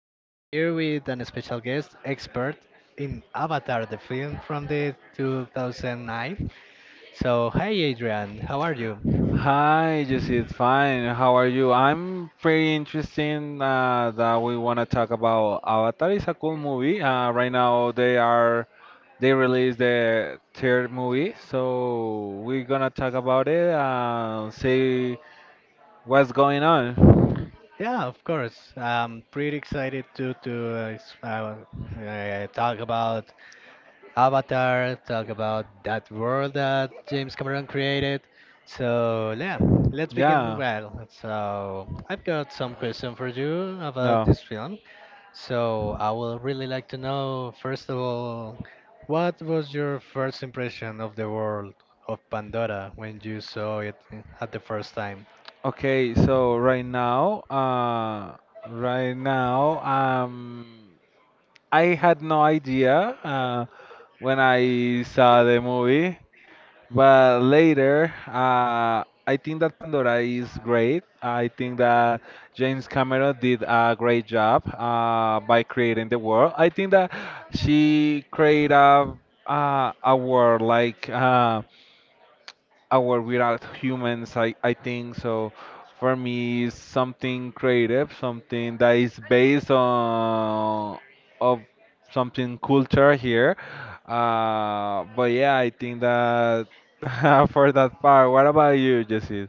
We're here with an special guest, expert in Avatar, the film from the 2009. So, hi, Adrian. How are you? Hi, Jesse, it's fine. How are you? I'm pretty interesting that we want to talk about Avatar. It's a cool movie. Right now they are they released the third movie, so we're gonna talk about it and see what's going on. Yeah, of course. I'm pretty excited to uh, s- uh, talk about Avatar, talk about that world that James Cameron created. So yeah, let's begin. Yeah, Well, so I've got some question for you about no. this film. So I would really like to know, first of all, what was your first impression of the world of Pandora when you saw it at the first time? Okay, so right now, uh, right now, um, I had no idea when I saw the movie. But later, I think that Pandora is great. I think that James Cameron did a great job by creating the world. I think that she created a world like our without humans. I think so. For me it's something creative, something that is based on of something culture here, but yeah, I think that for that part. What about you, Jesse?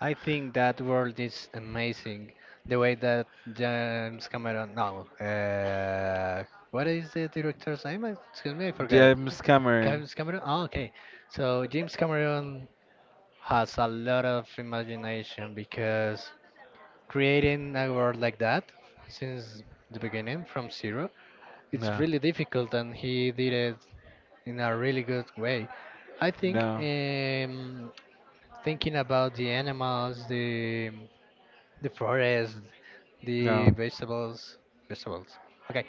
I think that world is amazing. The way that James Cameron, no, what is the director's name? Excuse me, I forgot it. James Cameron. James Cameron. Oh, okay. So James Cameron has a lot of imagination because creating a world like that since the beginning from zero, it's Yeah. really difficult, and he did it in a really good way. I think No, thinking about the animals, the forest, the no, vegetables, vegetables. Okay,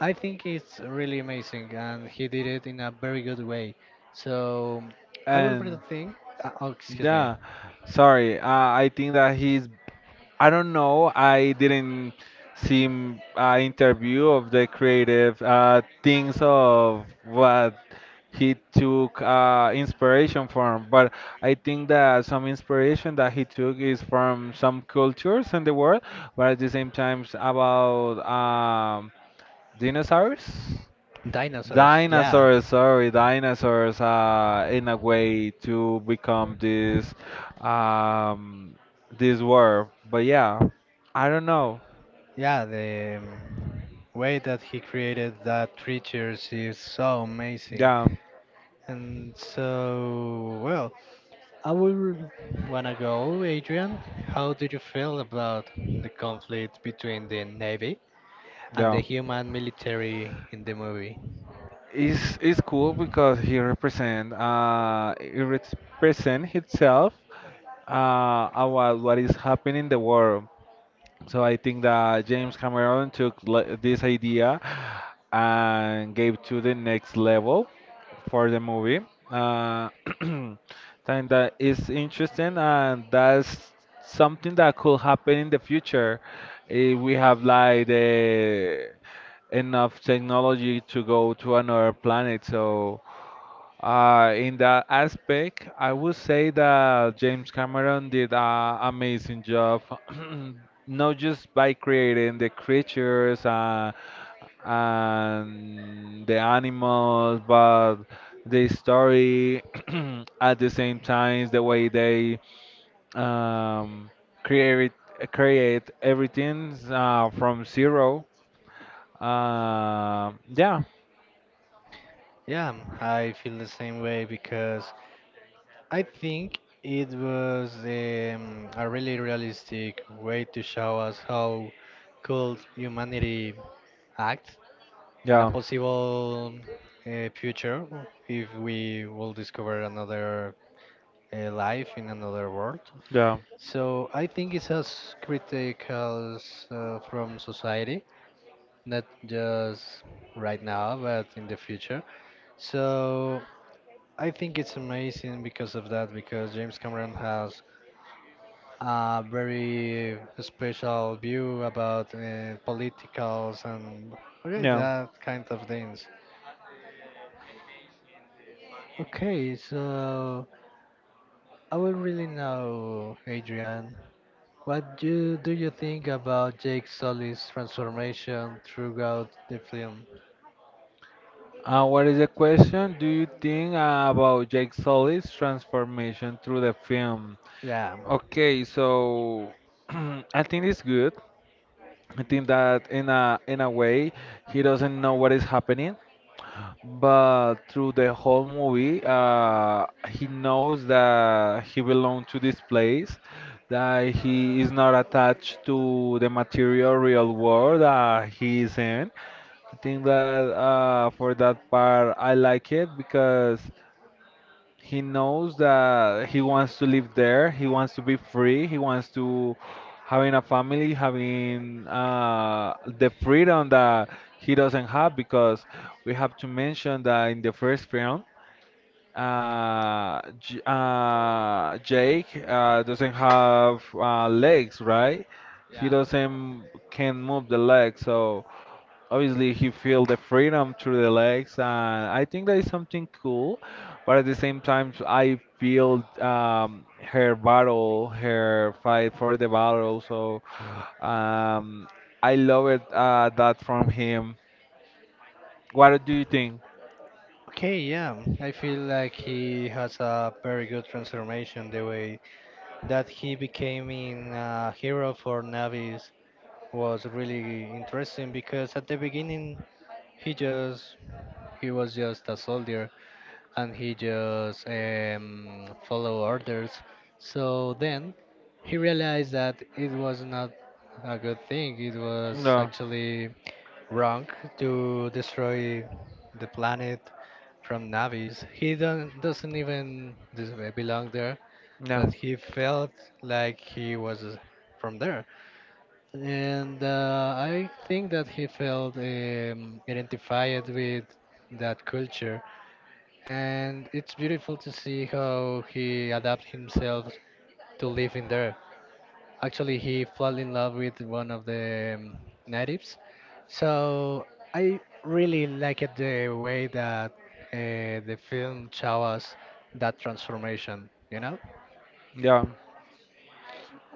I think it's really amazing, and he did it in a very good way. So I will bring and the thing. Oh, excuse me, yeah. Sorry, I think that he's I don't know. I didn't see interview of the creative things of what he took inspiration from, but I think that some inspiration that he took is from some cultures in the world, but at the same time about dinosaurs. dinosaurs. Yeah, Dinosaurs, sorry, dinosaurs, in a way to become this um this world. But yeah, I don't know. yeah. The way that he created that creatures is so amazing, Yeah, and so well. I would wanna go, Adrian. How do you feel about the conflict between the Navy and the yeah. human military in the movie? It's cool because he represent himself about what is happening in the world. So I think that James Cameron took this idea and gave to the next level for the movie. Uh, think that is interesting, and that's something that could happen in the future if we have like the enough technology to go to another planet. So in that aspect, I would say that James Cameron did an amazing job, not just by creating the creatures and the animals, but the story at the same time, the way they um, create create everything from zero. Uh, yeah, Yeah, I feel the same way because I think it was a really realistic way to show us how could humanity act in a yeah, possible future if we will discover another life in another world. yeah, So I think it's as critical from society, not just right now, but in the future. So I think it's amazing because of that, because James Cameron has a very special view about politicals and okay, yeah. that kind of things. Okay, so I will really know, Adrian. Do you think about Jake Sully's transformation throughout the film? What is the question? Do you think about Jake Sully's transformation through the film? Yeah. Okay, so I think it's good. I think that in a way he doesn't know what is happening, but through the whole movie, he knows that he belongs to this place, that he is not attached to the material real world that he is in. I think that for that part, I like it because he knows that he wants to live there. He wants to be free. He wants to having a family, having the freedom that he doesn't have because we have to mention that in the first film, J Jake doesn't have legs, right? He Yeah. doesn't can move the legs, so obviously he feel the freedom through the legs. And I think that is something cool, but at the same time I feel her battle, her fight for the battle. So um, I love it, that from him. What do you think? Okay, yeah. I feel like he has a very good transformation. The way that he became in a hero for Navis was really interesting because at the beginning he just he was just a soldier and he just follow orders. So then he realized that it was not a good thing. It was No. actually wrong to destroy the planet from Navis. He don't, doesn't even belong there, but No. he felt like he was from there. And I think that he felt identified with that culture and it's beautiful to see how he adapt himself to living there. Actually, he fell in love with one of the natives, so I really liked the way that uh, the film shows that transformation. You know? Yeah.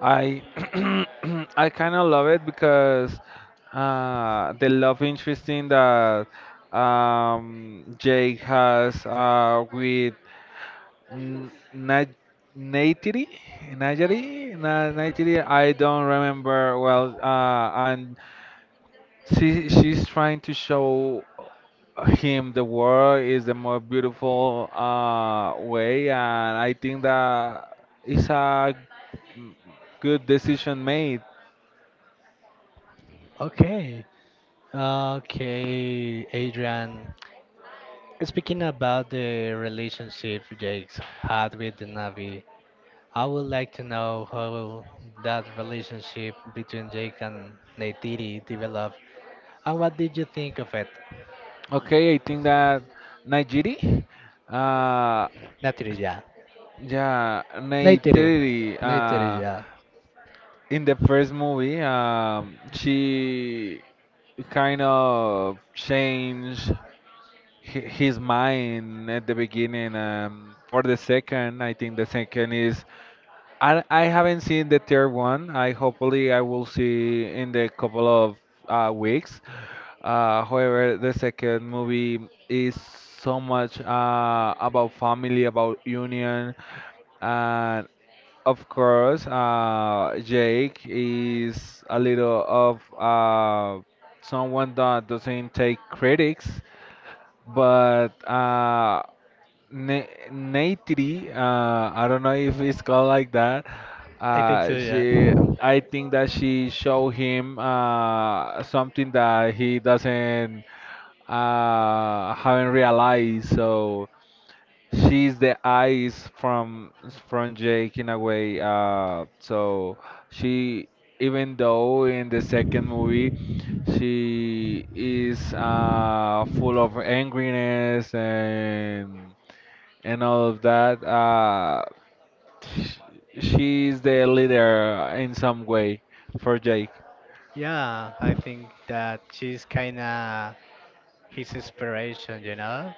I I kind of love it because the love interesting that Jake has with N- Ni- Nigeri, Nigeri, Ni- Nigeri. I don't remember well. And she, she's trying to show him the world is the more beautiful way, and I think that it's a good decision made. Okay. Okay, Adrian. Speaking about the relationship Jake's had with the Navi, I would like to know how that relationship between Jake and Neytiri developed, and what did you think of it? Okay, I think that Nigeri, uh, Neytiri, yeah. yeah, Neytiri. Nigeri, Neytiri, uh, yeah. in the first movie, she kind of changed his mind at the beginning. For the second, I think the second is I haven't seen the third one. I hopefully I will see in the couple of weeks. However, the second movie is so much about family, about union, and of course, Jake is a little of someone that doesn't take critics, but Naitri, I don't know if it's called like that. I think so, yeah. She, I think that she showed him something that he doesn't haven't realized. So she's the eyes from Jake in a way. So she, even though in the second movie, she is full of angriness and all of that. Sh She's the leader in some way for Jake. Yeah, I think that she's kind of his inspiration, you know,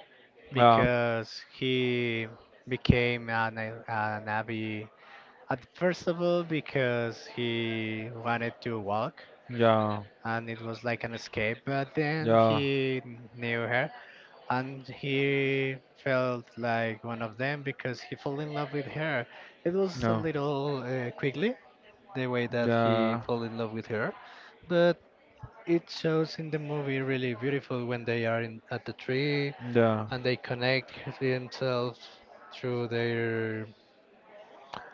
Yeah, because he became an, an Navi at first of all because he wanted to walk yeah, and it was like an escape. But then yeah, he knew her, and he felt like one of them because he fell in love with her. It was a no, little quickly the way that he yeah, fell in love with her, but it shows in the movie really beautiful when they are in, at the tree yeah. and they connect themselves through their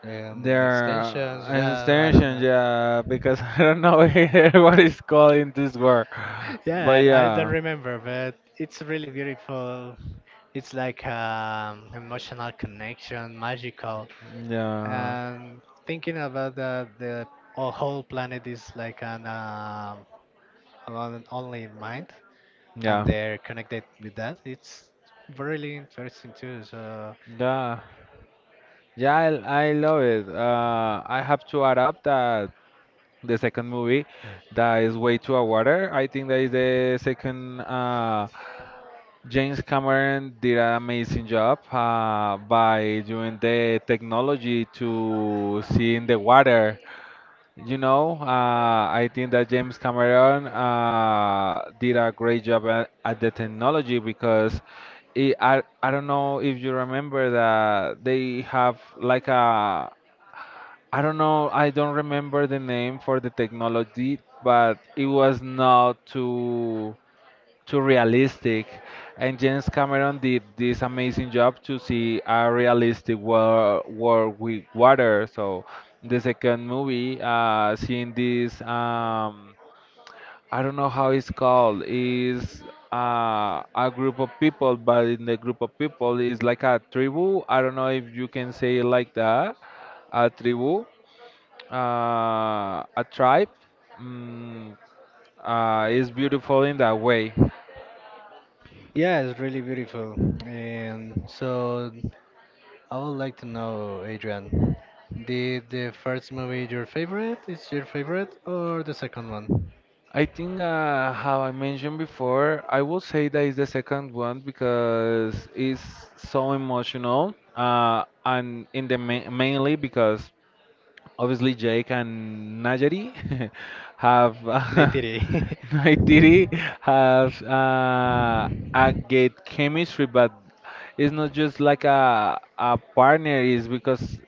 Their extensions. Yeah, I don't extension, know. yeah, because I don't know what is called in this word, but Yeah, I don't yeah, remember, but it's really beautiful. It's like emotional connection, magical, yeah, and thinking about the whole planet is like an only mind, yeah, and they're connected with that. It's really interesting too. So yeah, yeah. I love it. I have to add up that the second movie, that is Way to a Water. I think that is the second. James Cameron did an amazing job by doing the technology to see in the water. You know, uh, I think that James Cameron did a great job at the technology because I don't know if you remember that they have like a. I don't know, I don't remember the name for the technology, but it was not too realistic. And James Cameron did this amazing job to see a realistic world, world with water. So the second movie, seeing this, I don't know how it's called, is a group of people, but in the group of people is like a tribu. I don't know if you can say it like that, a tribu, a tribe. Mm, is beautiful in that way. yeah, it's really beautiful. And so I would like to know, Adrian, did the first movie your favorite? Is your favorite or the second one? I think, how I mentioned before, I would say that is the second one because it's so emotional, and in the ma mainly because obviously Jake and Najari have Neytiri. Naitiri has a great chemistry, but it's not just like a partner. Is because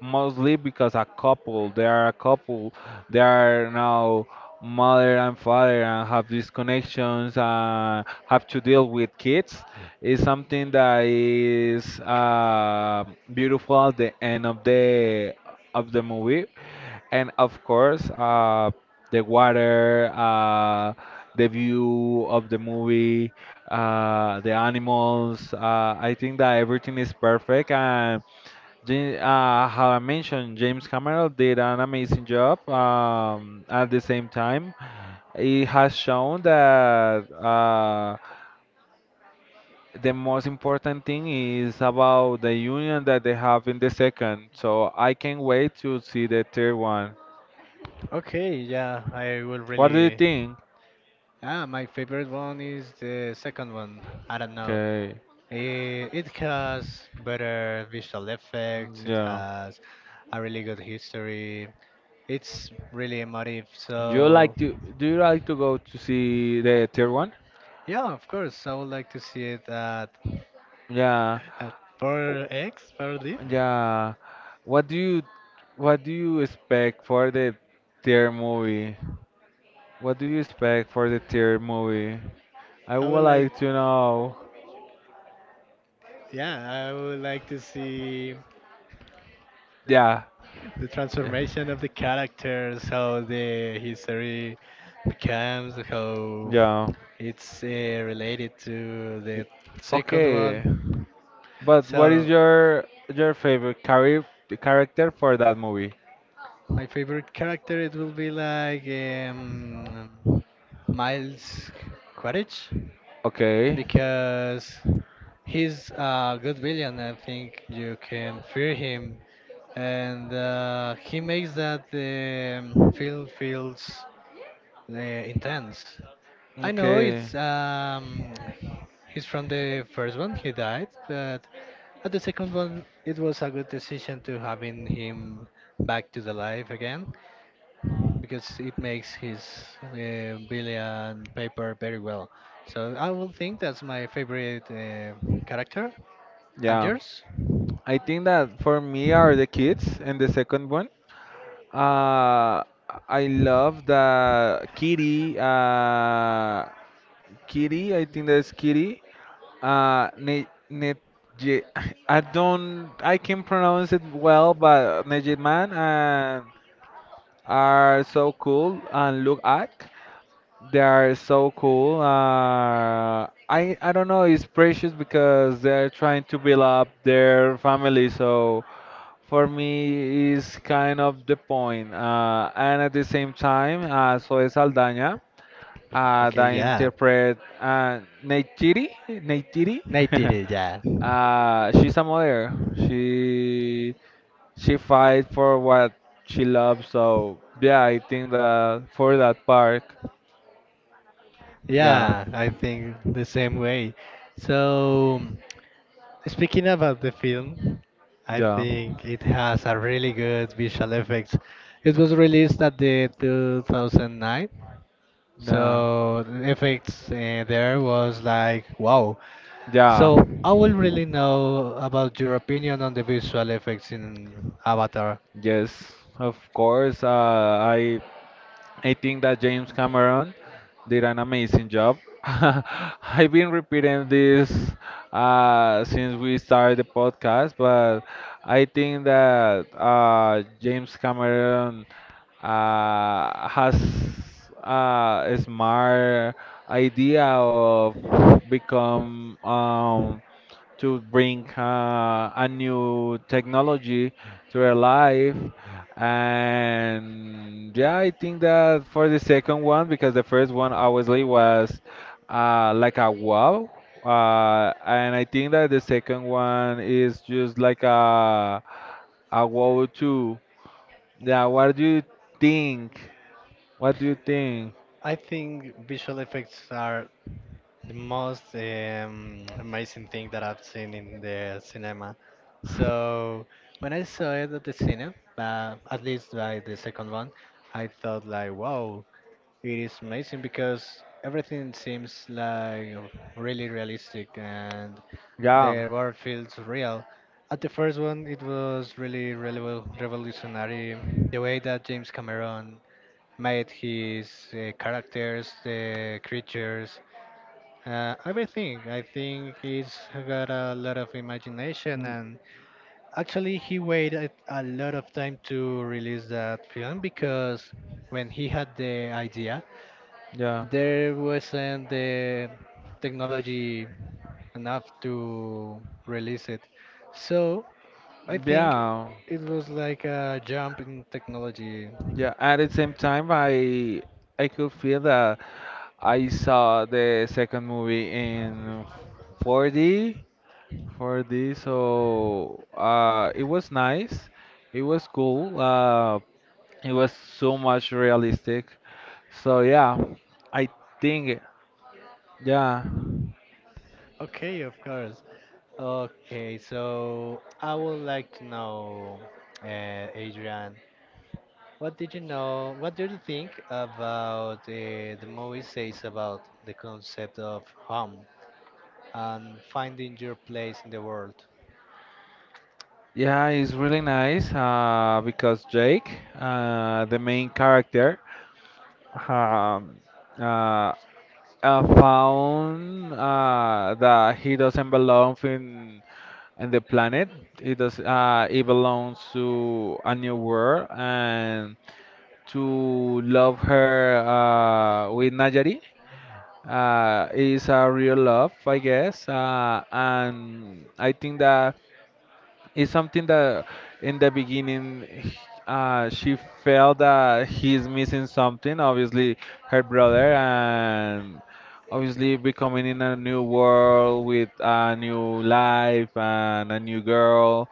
mostly because a couple, they are a couple, they are now mother and father and have these connections and have to deal with kids. Is something that is beautiful at the end of the movie. And of course, the water, the view of the movie, the animals, I think that everything is perfect. And how I mentioned, James Cameron did an amazing job. At the same time, it has shown that the most important thing is about the union that they have in the second. So I can't wait to see the third one. Okay, yeah, I will What do you really. think? Ah, my favorite one is the second one. I don't know. Okay, It has better visual effects, it yeah. has a really good history, it's really emotive, so. Do you like to go to see the third one? Yeah, of course, I would like to see it Yeah. at 4X, 4D. Yeah. What do you what do you expect for the tier movie? What do you expect for the tier movie? I I would would like. like to know. Yeah, I would like to see Yeah. the Eh. transformation of the characters, how the history becomes, how Yeah. it's related to the second Okay. one. But what is So your favorite character for that movie? my favorite character it will be like Miles Quaritch Okay. because he's a good villain. I think you can fear him, and he makes that the film feels Uh, intense. I know Okay. it's um, he's from the first one he died, but at the second one it was a good decision to having him back to the life again because it makes his Billy and Paper very well. So I will think that's my favorite character. And Yeah. yours? I think that for me are the kids and the second one. Uh I love the Kitty. Kitty, I think that's Kitty. Uh, ne, ne, Je- I don't, I can pronounce it well, but Nejid Man and are so cool and look at. They are so cool. I don't know. It's precious because they're trying to build up their family. So for me, is kind of the point. And at the same time, so is Aldana, Okay, the yeah. interpret Neytiri. Neytiri. Nate did it, yeah. She's a mother. She fights for what she loves. So yeah, I think that for that part, yeah, Yeah, I think the same way. So, speaking about the film, I yeah, think it has a really good visual effects. It was released at the 2009, yeah, so the effects there was like wow. yeah. So I will really know about your opinion on the visual effects in Avatar. Yes, of course. I think that James Cameron did an amazing job. I've been repeating this since we started the podcast, but I think that James Cameron has a smart idea of become to bring a new technology to their life. And yeah, I think that for the second one, because the first one obviously was like a wow. And I think that the second one is just like a wow too. Yeah, what do you think? What do you think? I think visual effects are the most amazing thing that I've seen in the cinema. So when I saw it at the cinema, at least by the second one, I thought like, wow, it is amazing because everything seems like really realistic and the Yeah, world feels real. At the first one, it was really, revolutionary. The way that James Cameron made his characters, the creatures, everything. I think he's got a lot of imagination, mm, and actually, he waited a lot of time to release that film because when he had the idea, yeah, there wasn't the technology enough to release it. So I think yeah, it was like a jump in technology. yeah. At the same time, I could feel that I saw the second movie in 4D, 4D, so it was nice. It was cool. It was so much realistic. So yeah, I think yeah, Okay, of course. Okay, so I would like to know, Adrian. What did you know? What do you think about the movie says about the concept of home and finding your place in the world? yeah, it's really nice because Jake, the main character, um, uh, found that he doesn't belong in and the planet. It does, it belongs to a new world and to love her with Najari. Is a real love I guess, and I think that it's something that in the beginning she felt that he's missing something, obviously her brother, and obviously becoming in a new world with a new life and a new girl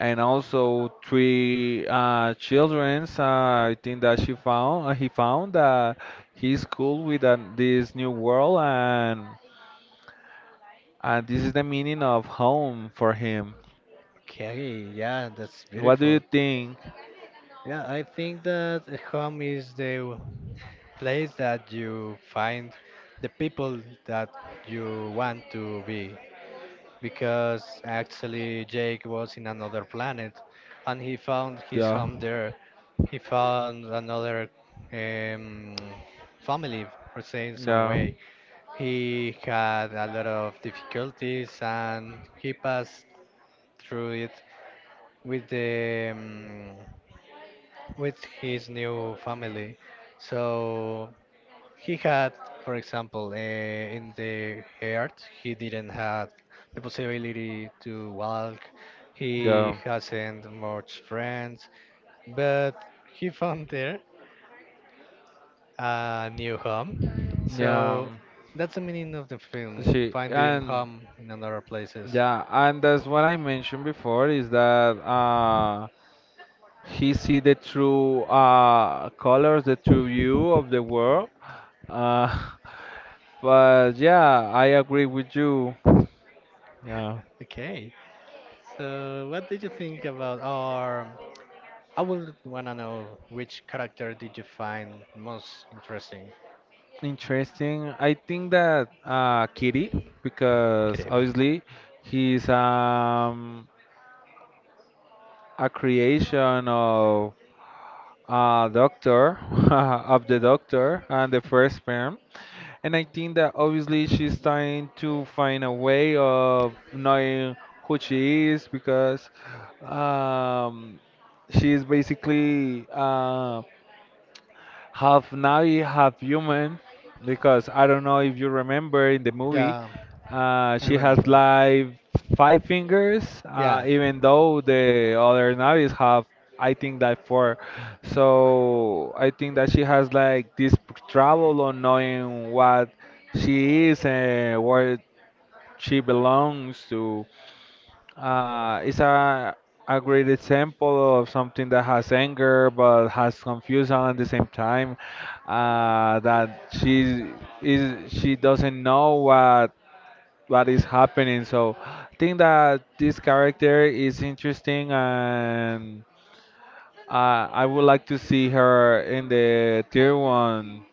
and also three childrens. I think that she found he found that he's cool with this new world, and this is the meaning of home for him. Okay, yeah, that's What do you beautiful. think? Yeah, I think that a home is the place that you find the people that you want to be because actually Jake was in another planet and he found his Yeah, home there. He found another um, family, per se, in some yeah, way. He had a lot of difficulties and he passed through it with the with his new family. So he had, for example, in the earth, he didn't have the possibility to walk. He yeah, hasn't much friends, but he found there a new home. yeah. So that's the meaning of the film, She finding and home in other places. yeah, and that's what I mentioned before is that he see the true colors, the true view of the world. Uh, but yeah, I agree with you. Yeah, Okay. So what did you think about or I would wanna know which character did you find most interesting, interesting. I think that Kitty, because Kirib? obviously he's a creation of a doctor, of the doctor and the first sperm. And I think that obviously she's trying to find a way of knowing who she is because um, she is basically, half Navi, half human, because I don't know if you remember in the movie, Yeah, I she has remember it. like five fingers, Yeah. even though the other Navis have, I think, that four. So I think that she has like this trouble on knowing what she is and where she belongs to. It's a great example of something that has anger but has confusion at the same time. That she is she doesn't know what is happening. So I think that this character is interesting and I would like to see her in the tier one.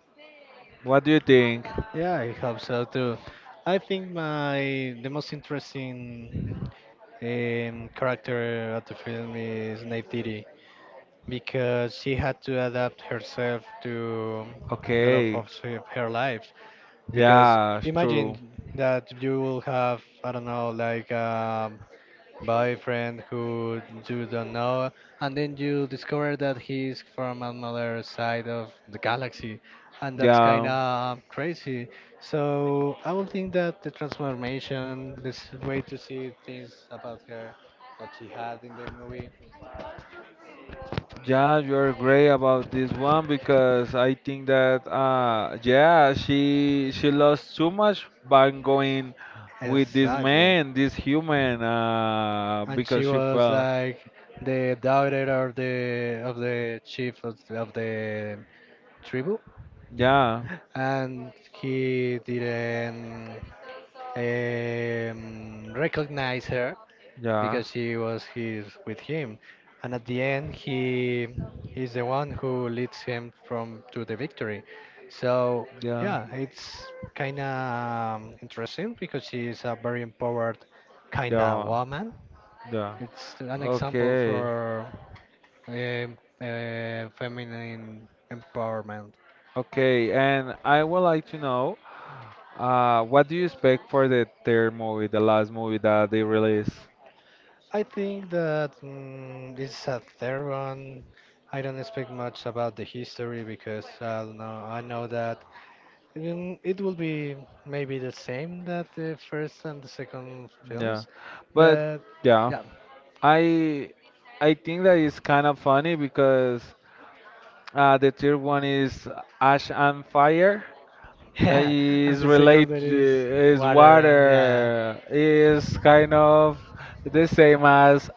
What do you think? Yeah, I hope so too. I think my the most interesting character of the film is Nate Diddy, because she had to adapt herself to the love Okay. of her life. Because Yeah, it's imagine true. that you will have, I don't know, like a boyfriend who you don't know, and then you discover that he's from another side of the galaxy, and that's kind Yeah. of crazy. So I will think that the transformation, this way to see things about her that she had in the movie. Yeah, you're great about this one because I think that yeah, she lost too much by going with this Exactly. man, this human, And she because she was fell. like the daughter of the chief of, the tribe, Yeah, and he didn't recognize her yeah, because she was his with him, and at the end he is the one who leads him from to the victory. So yeah, yeah, it's kind of interesting because she's a very empowered kind of yeah, woman. yeah. It's an example Okay. for feminine empowerment. Okay, and I would like to know what do you expect for the third movie, the last movie that they release? I think that this is a third one. I don't expect much about the history because I don't know. I know that it will be maybe the same that the first and the second Yeah. films, But but yeah. yeah, I I think that is kind of funny because the third one is ash and fire. Yeah. And Is the second relate one is is water. Yeah, water is kind of the same as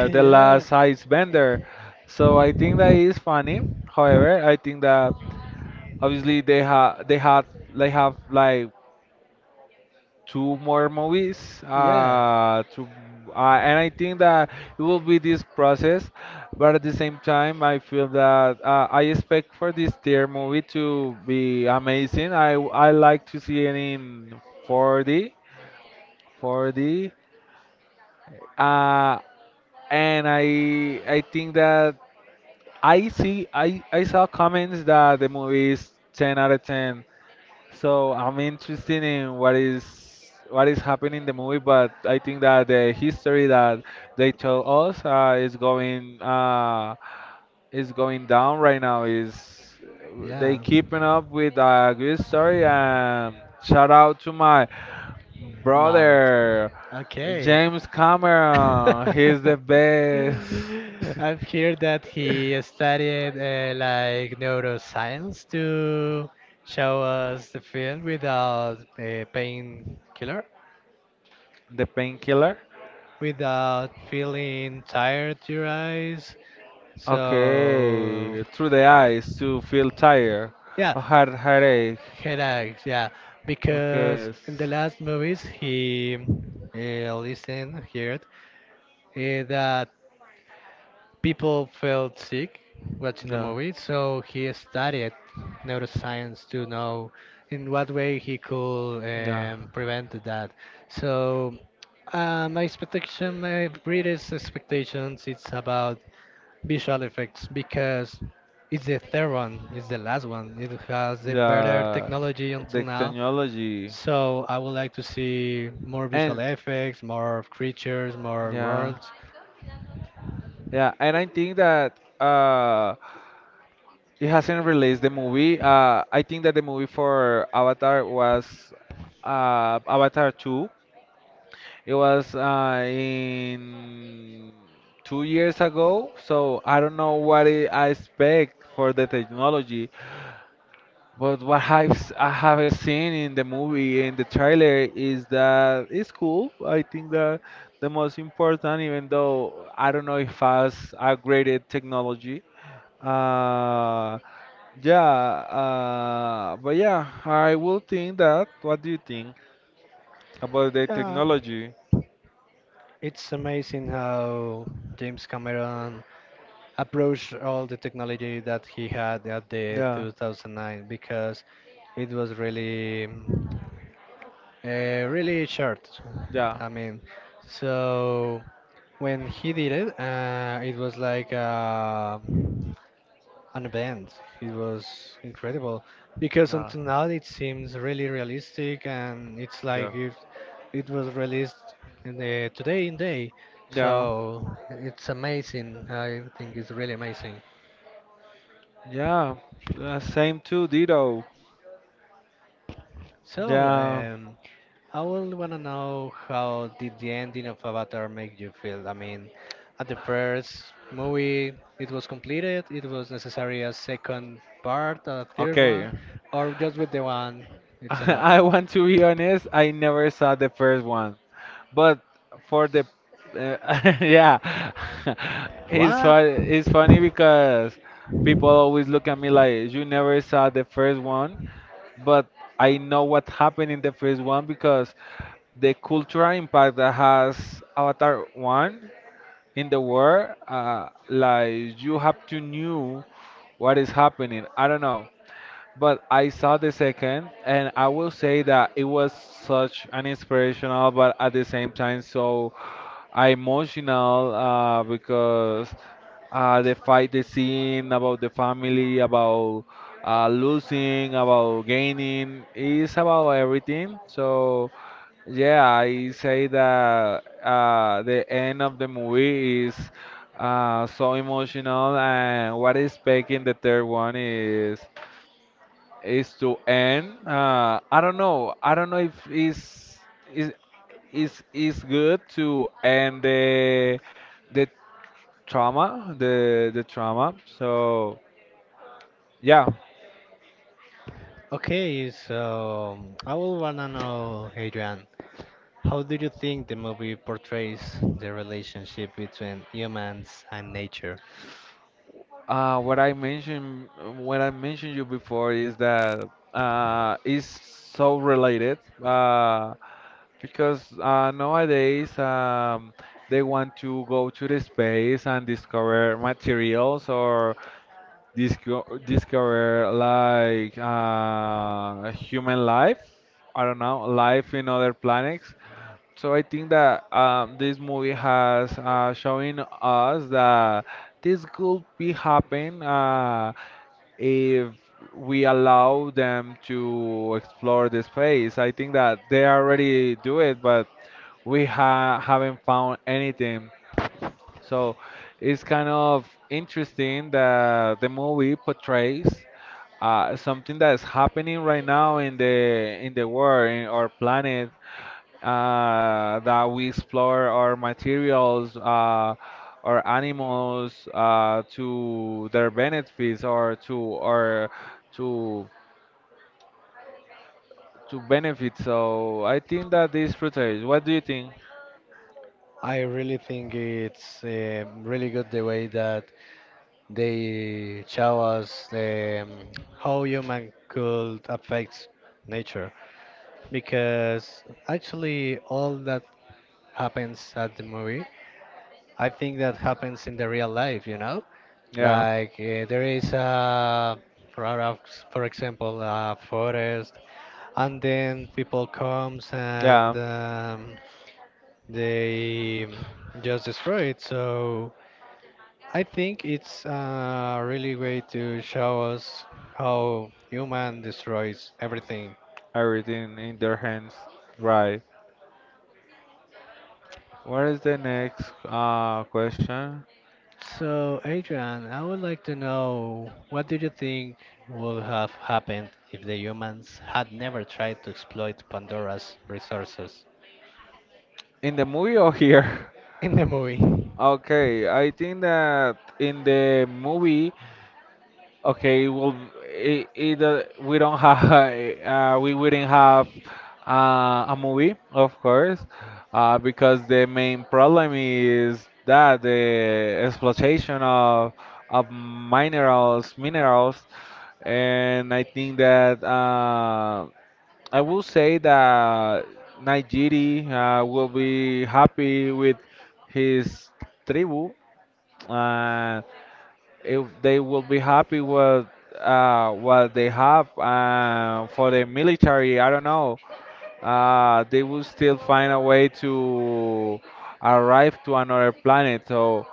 the yeah, last Bender. So I think that is funny. However, I think that obviously they had they have like two more movies yeah. To and I think that it will be this process but at the same time I feel that I expect for this tier movie to be amazing I like to see it in 4D 4D uh, and I think that I saw comments that the movie is 10 out of 10. So I'm interested in what is happening in the movie, but I think that the history that they told us is going down right now. Is they Yeah. keeping up with a good story? And shout out to my Mouth. brother Okay. James Cameron. He's I've the best. heard that he studied like neuroscience to show us the film without a painkiller, The painkiller. without feeling tired to your eyes. So, Okay, through the eyes to feel tired, yeah. a heart headache. Headaches, yeah, Okay. because in s- the last movies he listened, heard that people felt sick watching the Yeah. movie, so he studied neuroscience to know in what way he could Yeah. Prevent that. So my expectation, my greatest expectations, it's about visual effects because it's the third one, it's the last one. It has the better Yeah. technology until The now, technology so I would like to see more visual and effects, more creatures, more yeah. worlds. Yeah. And I think that it hasn't released the movie. I think that the movie for Avatar was Avatar 2. It was in 2 years ago, so I don't know what I expect for the technology. But I haven't seen in the movie in the trailer is that it's cool. I think that the most important, even though I don't know if has upgraded technology. Uh, yeah, but yeah, I will think that. What do you think about the Yeah, technology? it's amazing how James Cameron approached all the technology that he had at the Yeah, 2009 because it was really, really short. yeah, I mean, so when he did it, it was like. On the band. It was incredible because yeah, until now it seems really realistic and it's yeah, like if it was released in the today in day. yeah, So it's amazing. I think it's really amazing. yeah. Same too, Dido. So Yeah. I would wanna know how did the ending of Avatar make you feel? I mean, at the first movie it was completed. It was necessary a second part, a third one, Okay. or just with the one it's enough. I want to be honest, I never saw the first one, but for the uh, yeah, it's What? fun. It's funny because people always look at me like you never saw the first one, but I know what happened in the first one because the cultural impact that has Avatar one in the world, like you have to knew what is happening. I don't know. But I saw the second, and I will say that it was such an inspirational, but at the same time so emotional because the fight, the scene about the family, about losing, about gaining, is about everything. So yeah, I say that the end of the movie is so emotional, and what is back in the third one is to end. I don't know. I don't know if is is good to end the trauma, the trauma. So yeah, Okay, so I would wanna know, Adrian, how do you think the movie portrays the relationship between humans and nature? uh, what I mentioned what I mentioned you before is that is so related because nowadays they want to go to the space and discover materials or discover like human life. I don't know, life in other planets. So I think that this movie has showing us that this could be happen if we allow them to explore the space. I think that they already do it, but we ha haven't found anything. So it's kind of interesting that the movie portrays something that is happening right now in the world, in our planet, that we explore our materials, our animals to their benefits or to to benefit. So I think that this portrays. What do you think? I really think it's really good the way that they show us how human could affect nature because actually all that happens at the movie, I think that happens in the real life, you know? Yeah, Like there is for, our- for example, a forest, and then people comes yeah, and they just destroy it. So I think it's a really way to show us how human destroys everything. everything in their hands, right? What is the next question? So, Adrian, I would like to know what do you think would have happened if the humans had never tried to exploit Pandora's resources. In the movie or here? In the movie? Okay, I think that in the movie, okay, well, we don't have, we wouldn't have a movie, of course, because the main problem is that the exploitation of minerals, and I think that. I will say that Najiri will be happy with his tribu, and if they will be happy with what they have. For the military, I don't know. They will still find a way to arrive to another planet. So,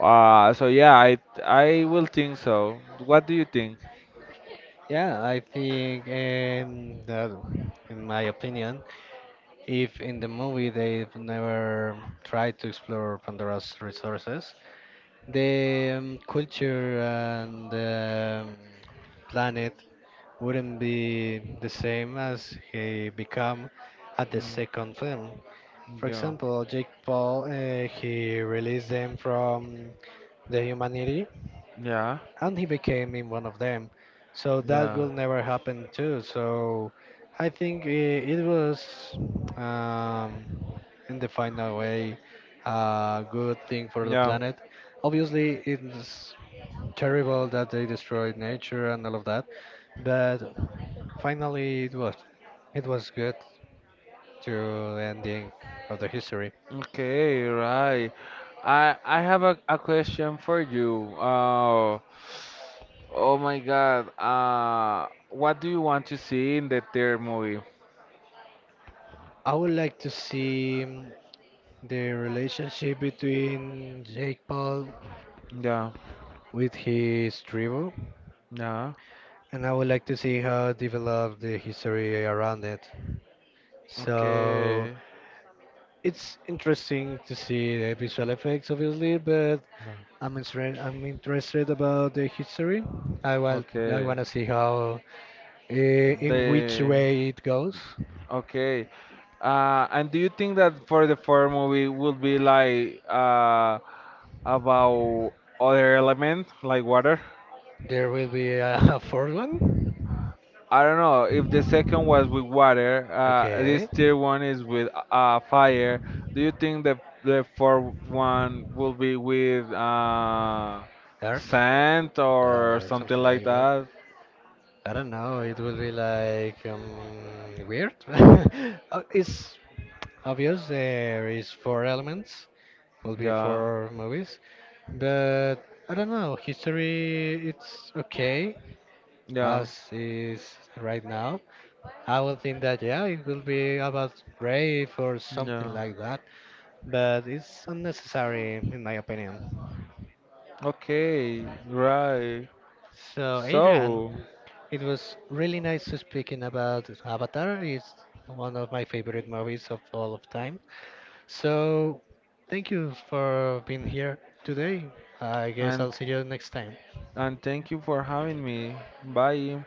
so yeah, I will think so. What do you think? Yeah, I think that, in my opinion, if in the movie they've never tried to explore Pandora's resources, the culture and the planet wouldn't be the same as he become at the Mm, second film. For yeah, example, Jake Paul, he released them from the humanity yeah, and he became in one of them. So that yeah, will never happen too. So I think it, it was um, in the final way a good thing for the yeah. planet. Obviously it's terrible that they destroyed nature and all of that. But finally, it was good to the ending of the history. Okay, right. I have a question for you. Oh my God. What do you want to see in the third movie? I would like to see the relationship between Jake Paul Yeah. with his tribu, Yeah. and I would like to see how develop the history around it. So Okay. it's interesting to see the visual effects, obviously, but I'm interested. I'm interested about the history. I Okay. want to see how, eh, in which The way it goes, okay. And do you think that for the fourth movie would be like about other element like water? there will be a, a fourth one. I don't know if the second was with water. This Okay. third one is with fire. Do you think the fourth one will be with Earth? sand or something Something like like that. that? I don't know. It will be like weird. It's obvious. There is four elements. Will be Yeah, four movies, but I don't know. History. It's okay. yeah, as is right now, I would think that yeah, it will be about rape or something yeah. like that, but it's unnecessary in my opinion. Okay, right. So Adrian, So, it was really nice to speaking about Avatar. It's one of my favorite movies of all of time. So thank you for being here today. I guess and I'll see you next time. and thank you for having me. Bye.